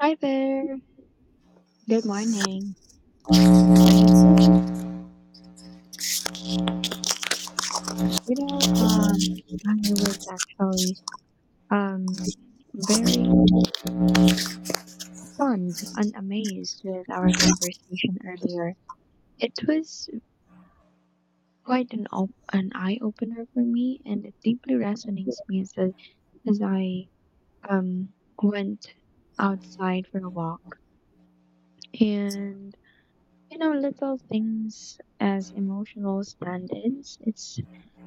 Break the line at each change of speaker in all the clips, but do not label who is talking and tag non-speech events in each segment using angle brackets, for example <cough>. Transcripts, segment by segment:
Hi there. Good morning. You know, um, I was actually um very stunned and amazed with our conversation earlier. It was quite an eye opener for me, and it deeply resonates me as I um went outside for a walk. And little things as emotional standards, it's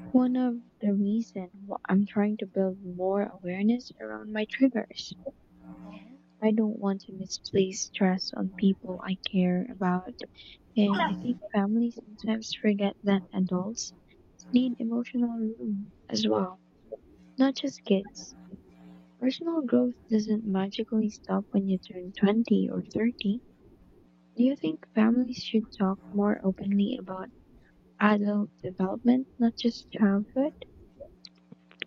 one of the reason I'm trying to build more awareness around my triggers. I don't want to misplace stress on people I care about. And I think families sometimes forget that adults need emotional room as well, not just kids. Personal growth doesn't magically stop when you turn 20 or 30. Do you think families should talk more openly about adult development, not just childhood?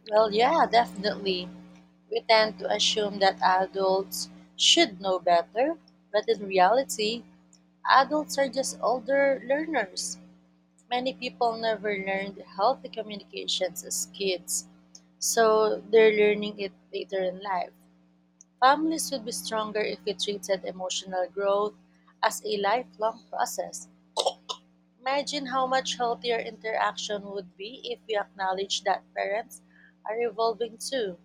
Well, yeah, definitely. We tend to assume that adults should know better, but in reality, adults are just older learners. Many people never learned healthy communications as kids, so they're learning it later in life. Families would be stronger if we treated emotional growth as a lifelong process. Imagine how much healthier interaction would be if we acknowledge that parents are evolving too.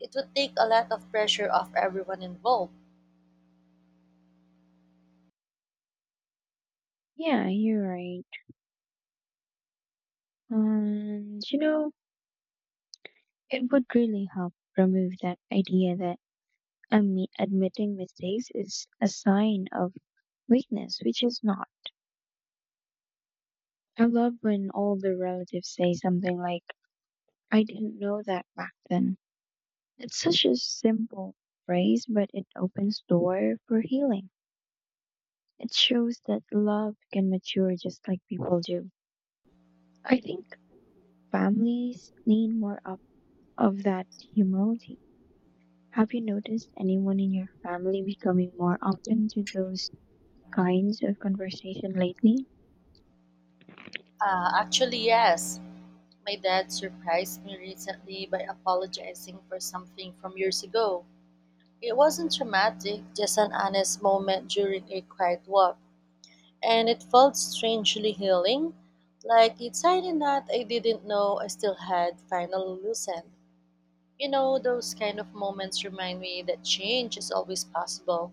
It would take a lot of pressure off everyone involved.
Yeah, you're right. And you know, it would really help remove that idea that admitting mistakes is a sign of weakness, which is not. I love when all the relatives say something like, I didn't know that back then. It's such a simple phrase, but it opens door for healing. It shows that love can mature just like people do. I think families need more of that humility. Have you noticed anyone in your family becoming more open to those kinds of conversation lately?
Actually, yes. My dad surprised me recently by apologizing for something from years ago. It wasn't dramatic, just an honest moment during a quiet walk, and it felt strangely healing, like it's a knot I didn't know I still had finally loosened. You know, those kind of moments remind me that change is always possible.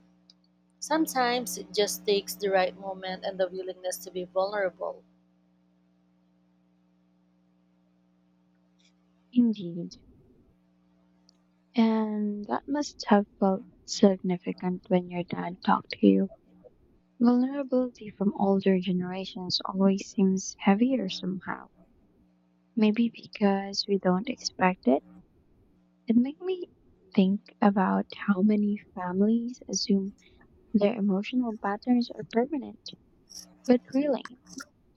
Sometimes it just takes the right moment and the willingness to be vulnerable.
Indeed. And that must have felt significant when your dad talked to you. Vulnerability from older generations always seems heavier somehow. Maybe because we don't expect it. It made me think about how many families assume their emotional patterns are permanent. But really,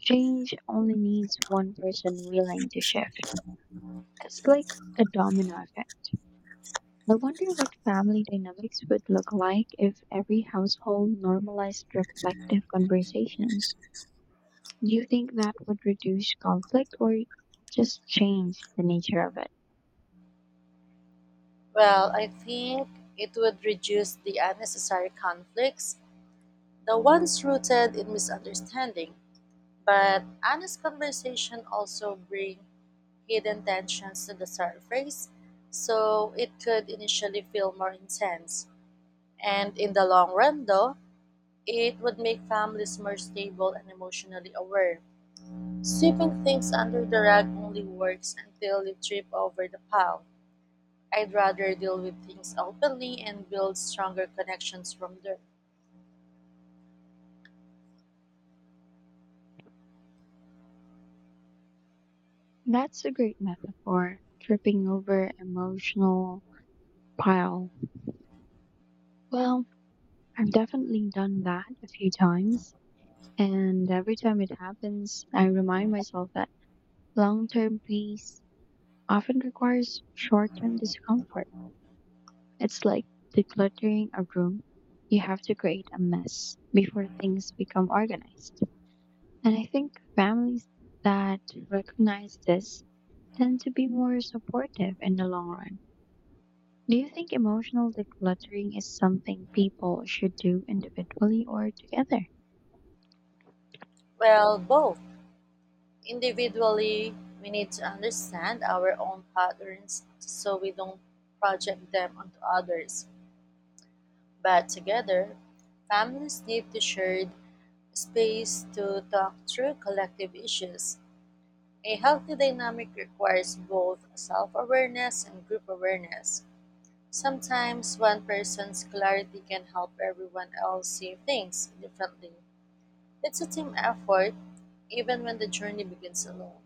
change only needs one person willing to shift. It's like a domino effect. I wonder what family dynamics would look like if every household normalized reflective conversations. Do you think that would reduce conflict or just change the nature of it?
Well, I think it would reduce the unnecessary conflicts, the ones rooted in misunderstanding. But honest conversation also bring hidden tensions to the surface, so it could initially feel more intense. And in the long run, though, it would make families more stable and emotionally aware. Sweeping things under the rug only works until you trip over the pile. I'd rather deal with things openly and build stronger connections from there.
That's a great metaphor, tripping over emotional pile. Well, I've definitely done that a few times, and every time it happens, I remind myself that long-term peace often requires short-term discomfort. It's like decluttering a room. You have to create a mess before things become organized. And I think families that recognize this tend to be more supportive in the long run. Do you think emotional decluttering is something people should do individually or together?
Well, both. Individually, we need to understand our own patterns so we don't project them onto others. But together, families need to share space to talk through collective issues. A healthy dynamic requires both self awareness and group awareness. Sometimes one person's clarity can help everyone else see things differently. It's a team effort, even when the journey begins alone.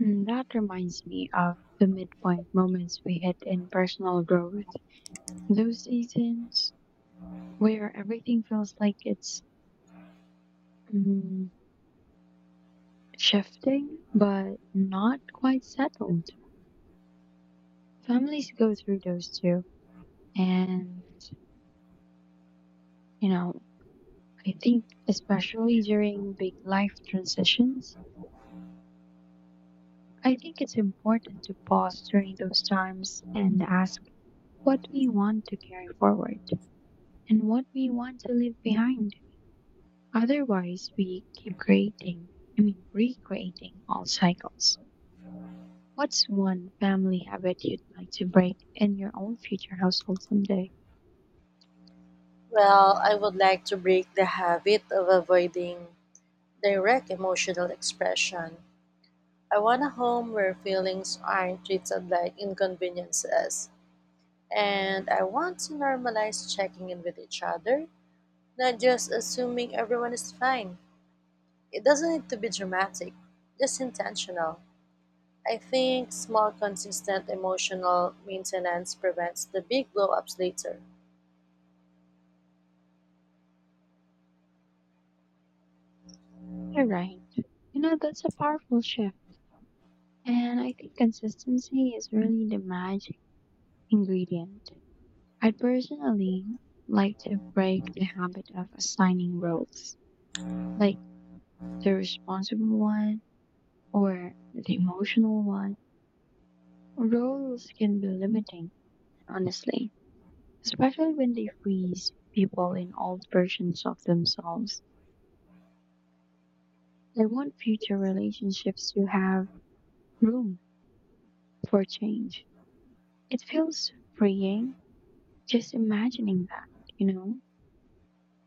Mm, that reminds me of the midpoint moments we hit in personal growth. Those seasons where everything feels like it's mm, shifting but not quite settled. Families go through those too. And, you know, I think especially during big life transitions, I think it's important to pause during those times and ask what we want to carry forward and what we want to leave behind. Otherwise, we keep recreating all cycles. What's one family habit you'd like to break in your own future household someday?
Well, I would like to break the habit of avoiding direct emotional expression. I want a home where feelings aren't treated like inconveniences. And I want to normalize checking in with each other, not just assuming everyone is fine. It doesn't need to be dramatic, just intentional. I think small, consistent emotional maintenance prevents the big blow ups later.
You're right. You know, that's a powerful shift. And I think consistency is really the magic ingredient. I'd personally like to break the habit of assigning roles, like the responsible one or the emotional one. Roles can be limiting, honestly, especially when they freeze people in old versions of themselves. I want future relationships to have room for change. It feels freeing just imagining that, you know?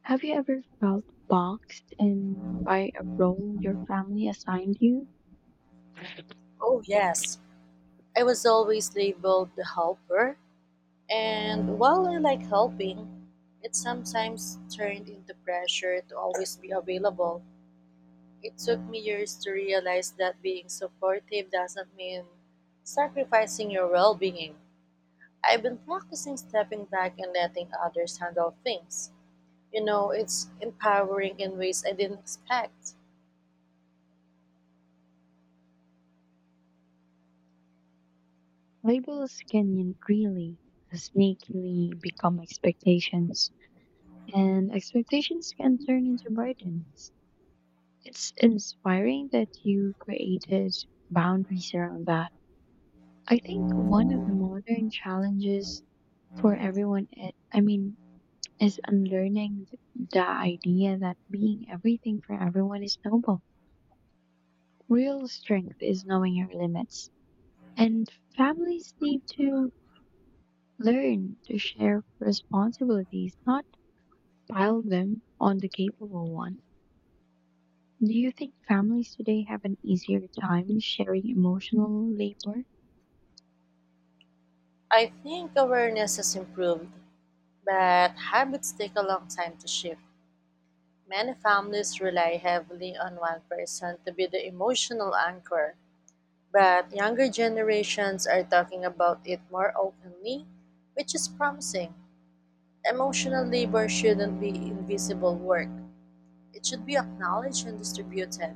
Have you ever felt boxed in by a role your family assigned you?
Oh, yes. I was always labeled the helper, and while I like helping, it sometimes turned into pressure to always be available. It took me years to realize that being supportive doesn't mean sacrificing your well being. I've been practicing stepping back and letting others handle things. You know, it's empowering in ways I didn't expect.
Labels can really sneakily become expectations, and expectations can turn into burdens. It's inspiring that you created boundaries around that. I think one of the modern challenges for everyone it, I mean is unlearning the idea that being everything for everyone is noble. Real strength is knowing your limits, and families need to learn to share responsibilities, not pile them on the capable one. Do you think families today have an easier time sharing emotional labor?
I think awareness has improved, but habits take a long time to shift. Many families rely heavily on one person to be the emotional anchor, but younger generations are talking about it more openly, which is promising. Emotional labor shouldn't be invisible work, it should be acknowledged and distributed.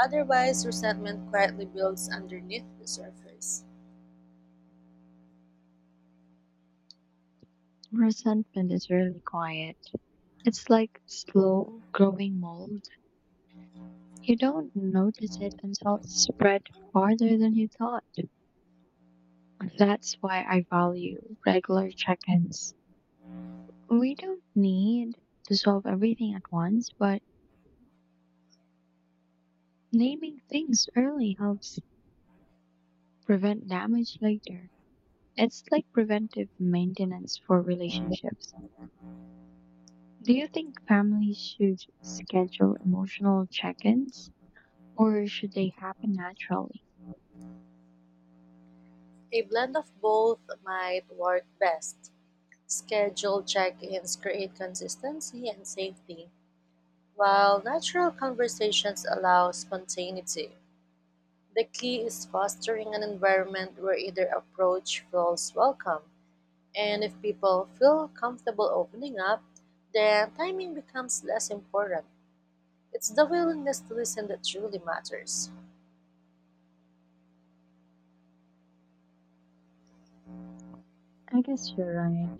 Otherwise, resentment quietly builds underneath the surface.
Resentment is really quiet. It's like slow growing mold. You don't notice it until it's spread farther than you thought. That's why I value regular check ins. We don't need to solve everything at once, but naming things early helps prevent damage later. It's like preventive maintenance for relationships. Do you think families should schedule emotional check ins or should they happen naturally?
A blend of both might work best. Scheduled check ins create consistency and safety, while natural conversations allow spontaneity. The key is fostering an environment where either approach feels welcome, and if people feel comfortable opening up, then timing becomes less important. It's the willingness to listen that truly matters.
I guess you're right.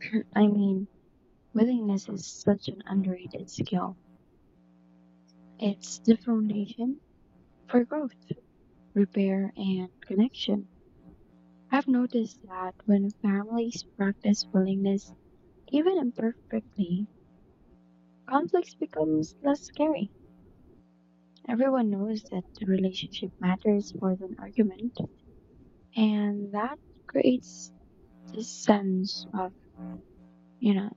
<clears throat> I mean, willingness is such an underrated skill. It's the foundation for growth, repair, and connection. I've noticed that when families practice willingness, even imperfectly, conflicts becomes less scary. Everyone knows that the relationship matters more than argument, and that creates this sense of, you know,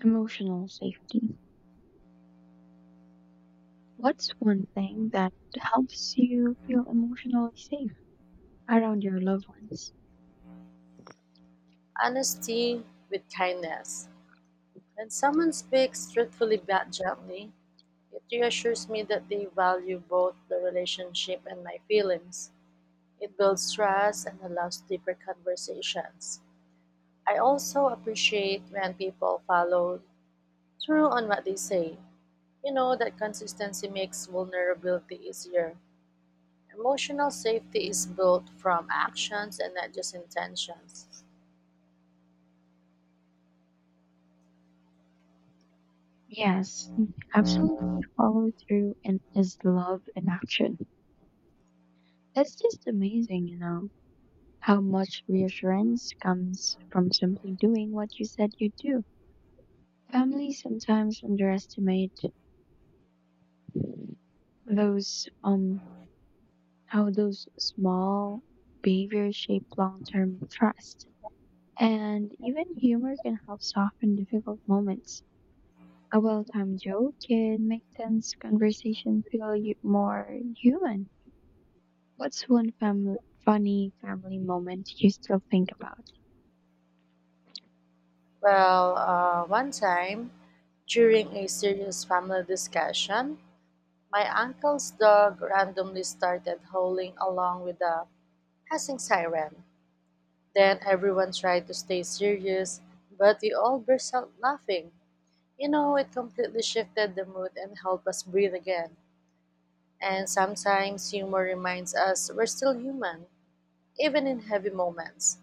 emotional safety. What's one thing that helps you feel emotionally safe around your loved ones?
Honesty with kindness. When someone speaks truthfully but gently, it reassures me that they value both the relationship and my feelings. It builds trust and allows deeper conversations. I also appreciate when people follow through on what they say. You know that consistency makes vulnerability easier. Emotional safety is built from actions and not just intentions.
Yes, absolutely, follow through and is love in action. It's just amazing, how much reassurance comes from simply doing what you said you'd do. Families sometimes underestimate those how those small behaviors shape long term trust. And even humor can help soften difficult moments. A well-timed joke can make tense conversation feel more human. What's one funny family moment you still think about?
Well, one time during a serious family discussion, my uncle's dog randomly started howling along with the passing siren. Then everyone tried to stay serious, but we all burst out laughing. You know, it completely shifted the mood and helped us breathe again. And sometimes humor reminds us we're still human, even in heavy moments.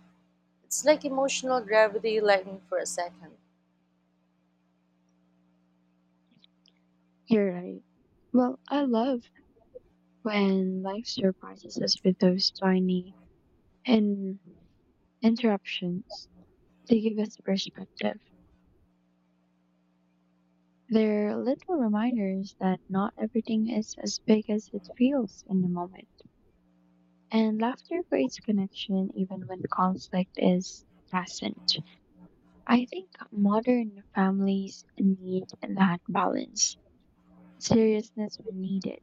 It's like emotional gravity lightening for a second.
You're right. Well, I love when life surprises us with those tiny in- interruptions. They give us perspective. They're little reminders that not everything is as big as it feels in the moment. And laughter creates connection even when conflict is present. I think modern families need that balance. Seriousness when needed,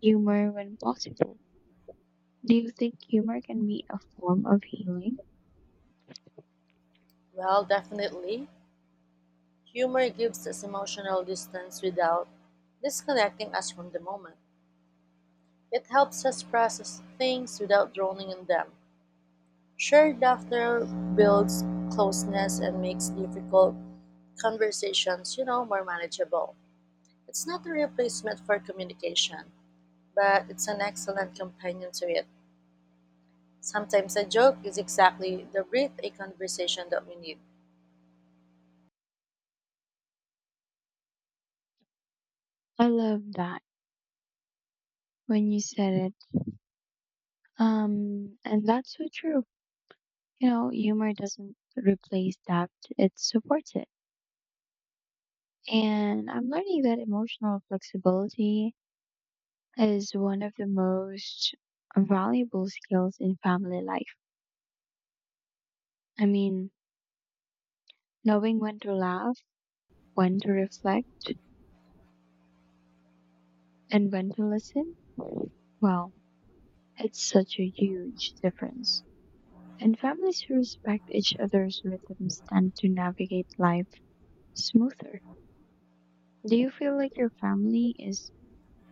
humor when possible. Do you think humor can be a form of healing?
Well, definitely, humor gives us emotional distance without disconnecting us from the moment. It helps us process things without drowning in them. Shared laughter builds closeness and makes difficult conversations, you know, more manageable. It's not a replacement for communication, but it's an excellent companion to it. Sometimes a joke is exactly the breath a conversation that we need.
I love that when you said it. And that's so true. Humor doesn't replace that, it supports it. And I'm learning that emotional flexibility is one of the most valuable skills in family life. I mean, knowing when to laugh, when to reflect, and when to listen, well, it's such a huge difference. And families who respect each other's rhythms tend to navigate life smoother. Do you feel like your family is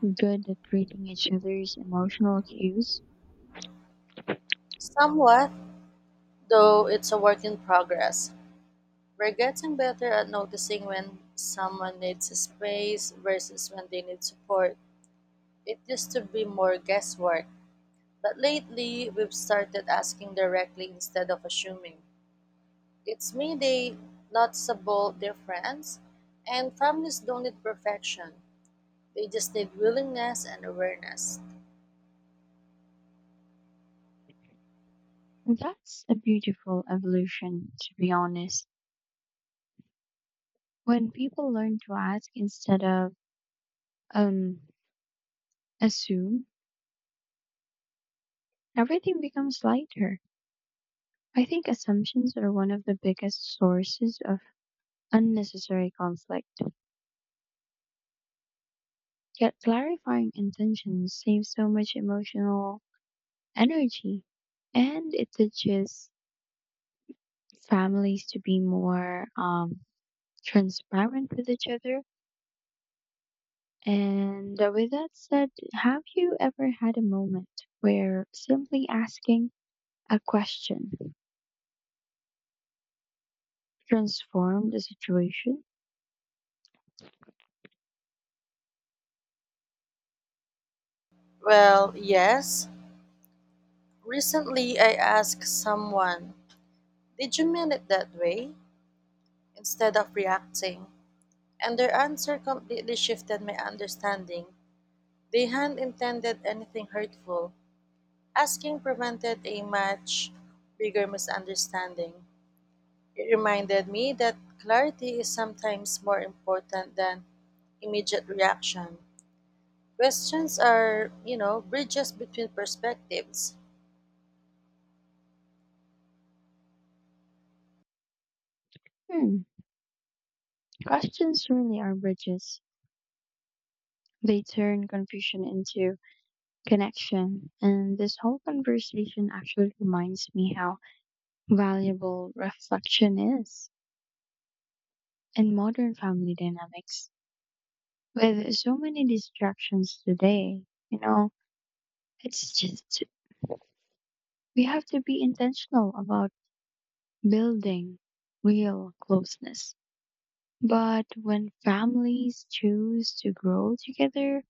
good at reading each other's emotional cues?
Somewhat, though it's a work in progress. We're getting better at noticing when someone needs space versus when they need support. It used to be more guesswork, but lately we've started asking directly instead of assuming. It's made a noticeable difference, and families don't need perfection, they just need willingness and awareness.
That's a beautiful evolution, to be honest. When people learn to ask instead of um, assume, everything becomes lighter. I think assumptions are one of the biggest sources of unnecessary conflict. Yet clarifying intentions saves so much emotional energy. And it teaches families to be more transparent with each other. And with that said, have you ever had a moment where simply asking a question transformed the situation?
Well, yes. Recently, I asked someone, "Did you mean it that way?" instead of reacting, and their answer completely shifted my understanding. They hadn't intended anything hurtful. Asking prevented a much bigger misunderstanding. It reminded me that clarity is sometimes more important than immediate reaction. Questions are, you know, bridges between perspectives.
Hmm. Questions really are bridges. They turn confusion into connection. And this whole conversation actually reminds me how valuable reflection is in modern family dynamics. With so many distractions today, you know, it's just we have to be intentional about building real closeness. But when families choose to grow together,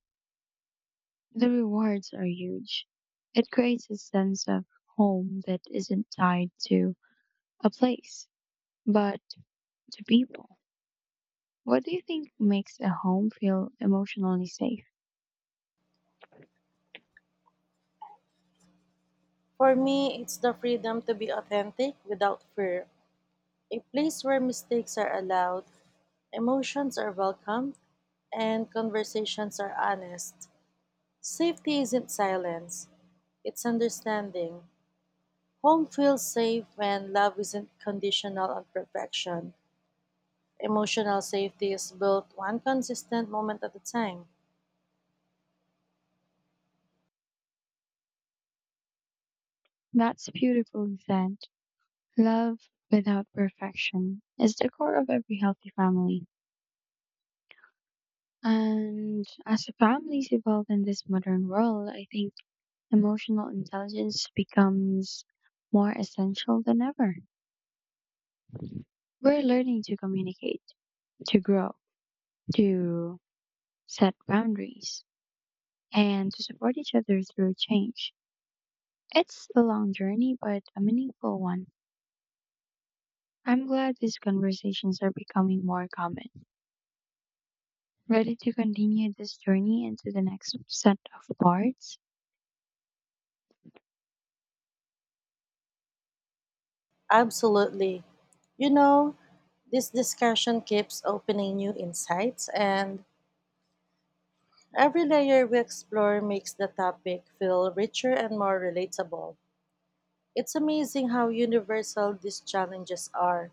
the rewards are huge. It creates a sense of home that isn't tied to a place, but to people. What do you think makes a home feel emotionally safe?
For me, it's the freedom to be authentic without fear, a place where mistakes are allowed, emotions are welcome, and conversations are honest. Safety isn't silence, it's understanding. Home feels safe when love isn't conditional on perfection. Emotional safety is built one consistent moment at a time.
That's beautifully said. Love without perfection is the core of every healthy family. And as the families evolve in this modern world, I think emotional intelligence becomes more essential than ever. We're learning to communicate, to grow, to set boundaries, and to support each other through change. It's a long journey, but a meaningful one. I'm glad these conversations are becoming more common. Ready to continue this journey into the next set of parts?
Absolutely. You know, this discussion keeps opening new insights, and every layer we explore makes the topic feel richer and more relatable. It's amazing how universal these challenges are,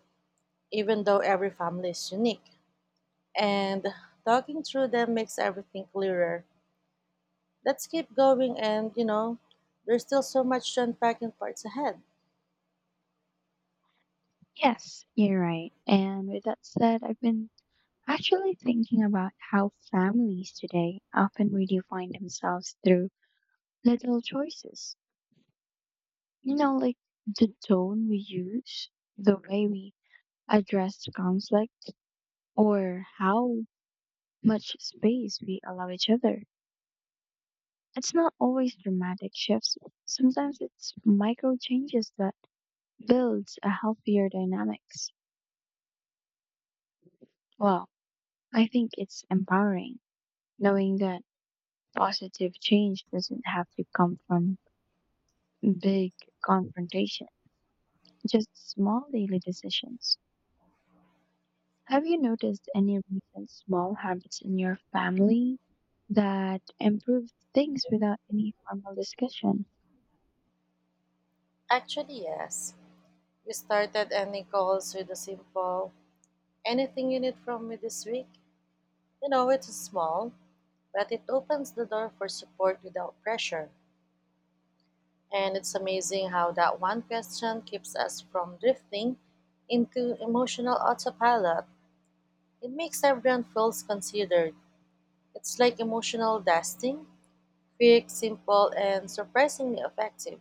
even though every family is unique. And talking through them makes everything clearer. Let's keep going and, you know, there's still so much to unpack in parts ahead.
Yes, you're right. And with that said, I've been actually thinking about how families today often redefine themselves through little choices. You know, like the tone we use, the way we address conflict, or how much space we allow each other. It's not always dramatic shifts. Sometimes it's micro changes that builds a healthier dynamics. Well, I think it's empowering knowing that positive change doesn't have to come from big confrontation, just small daily decisions. Have you noticed any recent small habits in your family that improved things without any formal discussion?
Actually, yes. We started any calls with a simple "anything you need from me this week." You know, it's small, but it opens the door for support without pressure. And it's amazing how that one question keeps us from drifting into emotional autopilot. It makes everyone feels considered. It's like emotional dusting, quick, simple, and surprisingly effective.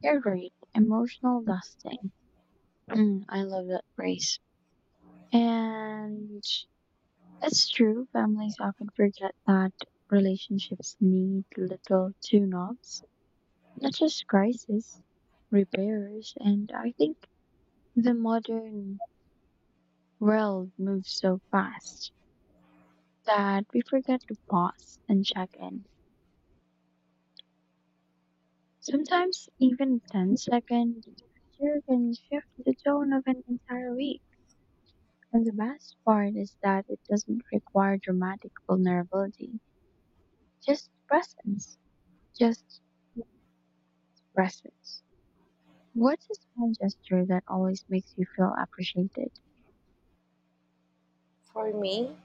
You're right, emotional dusting. Mm, I love that phrase. And it's true, families often forget that relationships need little tune ups, not just crisis, repairs. And I think the modern world moves so fast that we forget to pause and check in. Sometimes even 10-second gesture can shift the tone of an entire week. And the best part is that it doesn't require dramatic vulnerability, just presence just presence. What's a small gesture that always makes you feel appreciated?
For me,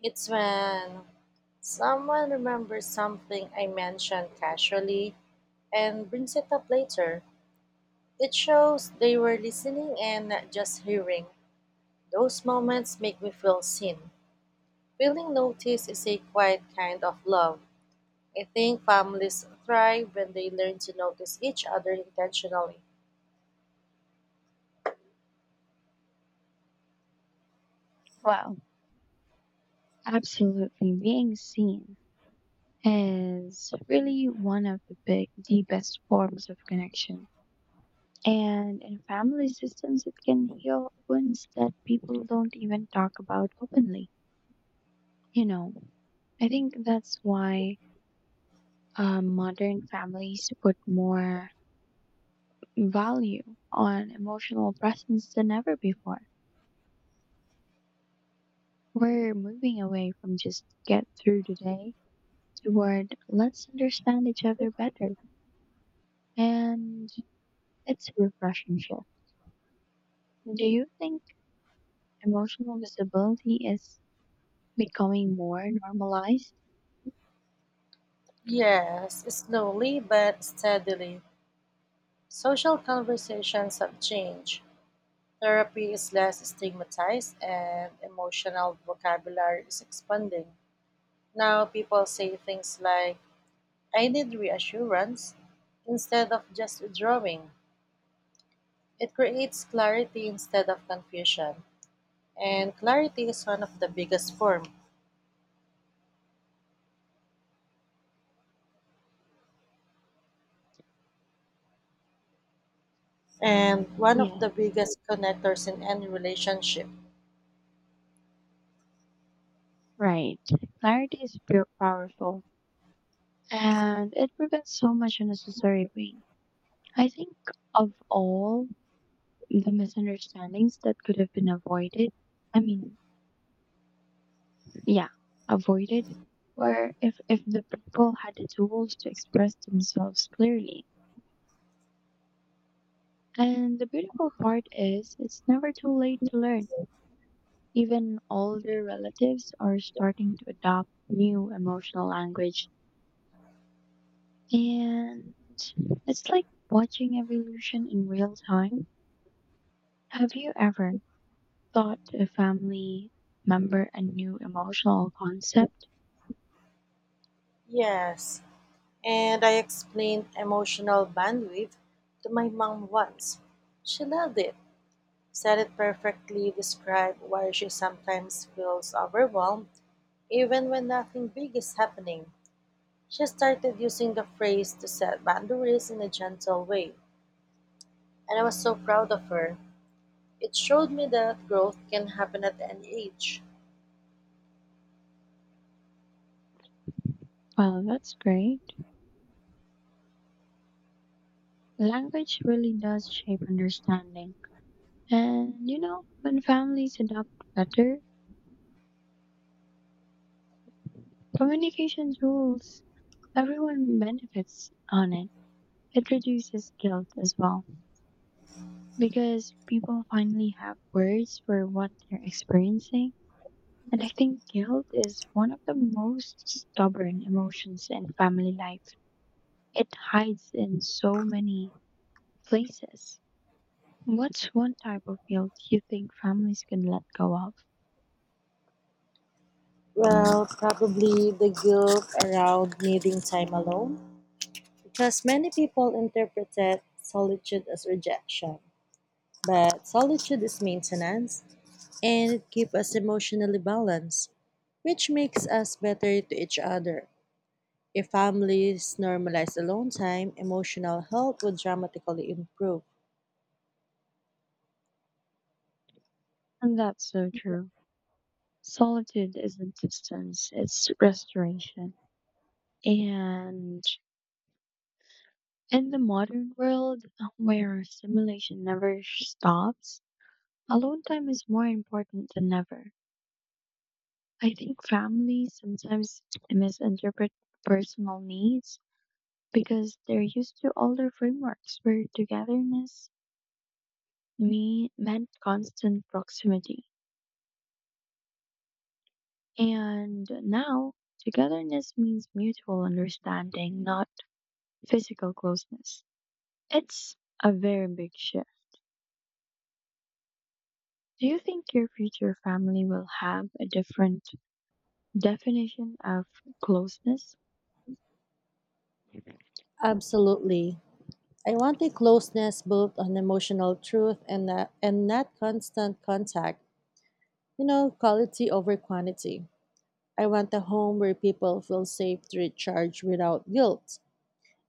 it's when someone remembers something I mentioned casually and brings it up later. It shows they were listening and not just hearing. Those moments make me feel seen. Feeling noticed is a quiet kind of love. I think families thrive when they learn to notice each other intentionally.
Well, absolutely. Being seen is really one of the best forms of connection. And in family systems, it can heal wounds that people don't even talk about openly. You know, I think that's why modern families put more value on emotional presence than ever before. We're moving away from just get through today toward let's understand each other better. And it's a refreshing shift. Do you think emotional visibility is becoming more normalized?
Yes, slowly but steadily. Social conversations have changed. Therapy is less stigmatized and emotional vocabulary is expanding. Now people say things like, "I need reassurance," instead of just withdrawing. It creates clarity instead of confusion. And clarity is one of the biggest form and one
Yeah,
of the biggest connectors in any relationship.
right. Clarity is pure powerful and it prevents so much unnecessary pain. I think of all the misunderstandings that could have been avoided. I mean, yeah avoided where if the people had the tools to express themselves clearly. And the beautiful part is it's never too late to learn. Even older relatives are starting to adopt new emotional language, and it's like watching evolution in real time. Have you ever taught a family member a new emotional concept?
Yes. And I explained emotional bandwidth to my mom once. She loved it, said it perfectly described why she sometimes feels overwhelmed even when nothing big is happening. She started using the phrase to set boundaries in a gentle way, and I was so proud of her. It showed me that growth can happen at any age.
Well, that's great. Language really does shape understanding. And you know, when families adopt better communication rules, everyone benefits on it. It reduces guilt as well because people finally have words for what they're experiencing. And I think guilt is one of the most stubborn emotions in family life. It hides in so many places. What's one type of guilt you think families can let go of?
Well, probably the guilt around needing time alone, because many people interpreted solitude as rejection. But solitude is maintenance, and it keeps us emotionally balanced, which makes us better to each other. If families normalize alone time, emotional health would dramatically improve.
And that's so true. Solitude isn't distance, it's restoration. And in the modern world where stimulation never stops, alone time is more important than ever. I think families sometimes misinterpret personal needs because they're used to older frameworks where togetherness meant constant proximity. And now, togetherness means mutual understanding, not physical closeness. It's a very big shift. Do you think your future family will have a different definition of closeness?
Absolutely. I want a closeness built on emotional truth and not constant contact. You know, quality over quantity. I want a home where people feel safe to recharge without guilt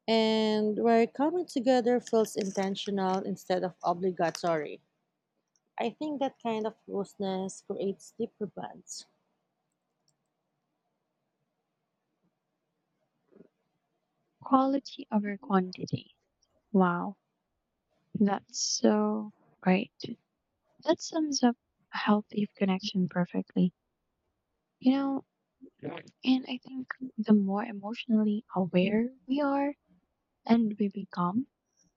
and where coming together feels intentional instead of obligatory. I think that kind of closeness creates deeper bonds.
Quality over quantity. Wow, that's so right. That sums up a healthy connection perfectly. You know, and I think the more emotionally aware we are and we become,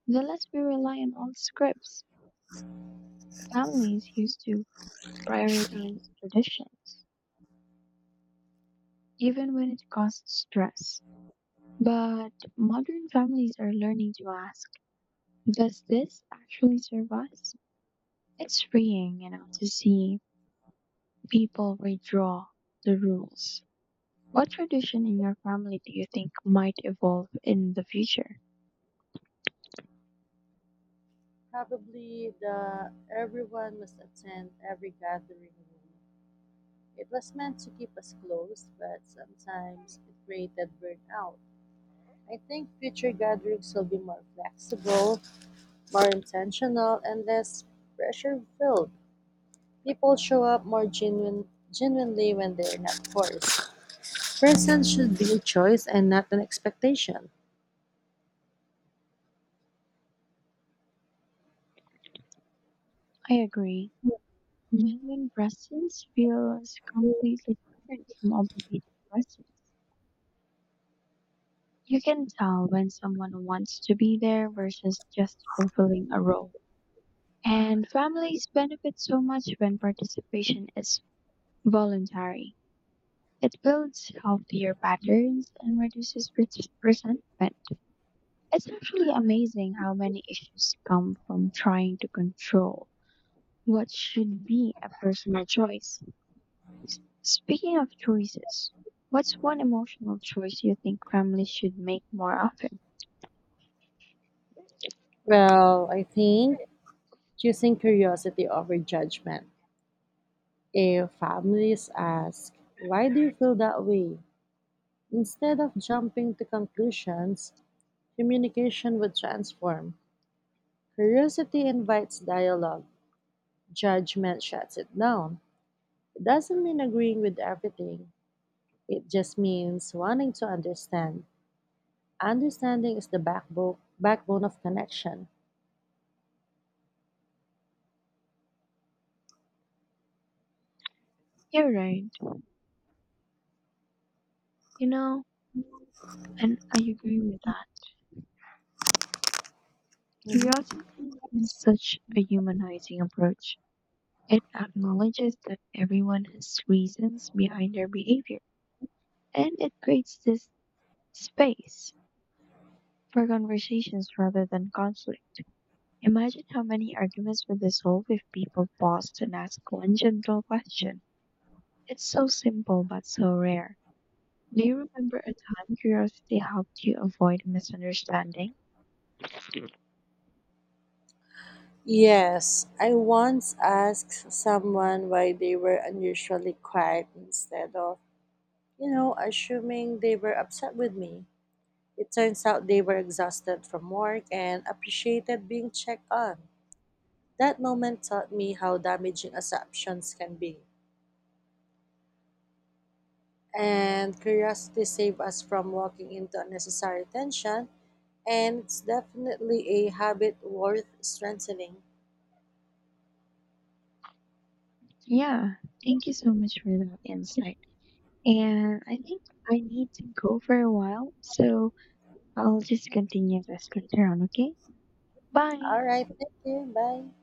the less we rely on old scripts. Families used to prioritize traditions even when it causes stress. But modern families are learning to ask, does this actually serve us? It's freeing, you know, to see people redraw the rules. What tradition in your family do you think might evolve in the future?
Probably the "everyone must attend every gathering" rule. It was meant to keep us close, but sometimes it created burnout. I think future gatherings will be more flexible, more intentional, and less pressure filled. People show up more genuinely when they're not forced. Presence should be a choice and not an expectation.
I agree. Genuine presents feels completely different from obligated presents. You can tell when someone wants to be there versus just fulfilling a role. And families benefit so much when participation is voluntary. It builds healthier patterns and reduces resentment. It's actually amazing how many issues come from trying to control what should be a personal choice. Speaking of choices, what's one emotional choice you think families should make more often?
Well, I think choosing curiosity over judgment. If families ask, "Why do you feel that way?" instead of jumping to conclusions, communication would transform. Curiosity invites dialogue, judgment shuts it down. It doesn't mean agreeing with everything, it just means wanting to understand. Understanding is the backbone of connection.
You're right. You know, and I agree with that. Curiosity is such a humanizing approach. It acknowledges that everyone has reasons behind their behavior, and it creates this space for conversations rather than conflict. Imagine how many arguments would dissolve if people paused and asked one gentle question. It's so simple but so rare. Do you remember a time curiosity helped you avoid a misunderstanding?
Yes, I once asked someone why they were unusually quiet instead of, you know, assuming they were upset with me. It turns out they were exhausted from work and appreciated being checked on. That moment taught me how damaging assumptions can be. And curiosity saved us from walking into unnecessary tension, and it's definitely a habit worth strengthening.
Yeah, thank you so much for that insight. And I think I need to go for a while, so I'll just continue this later on, okay? Bye!
All right, thank you. Bye.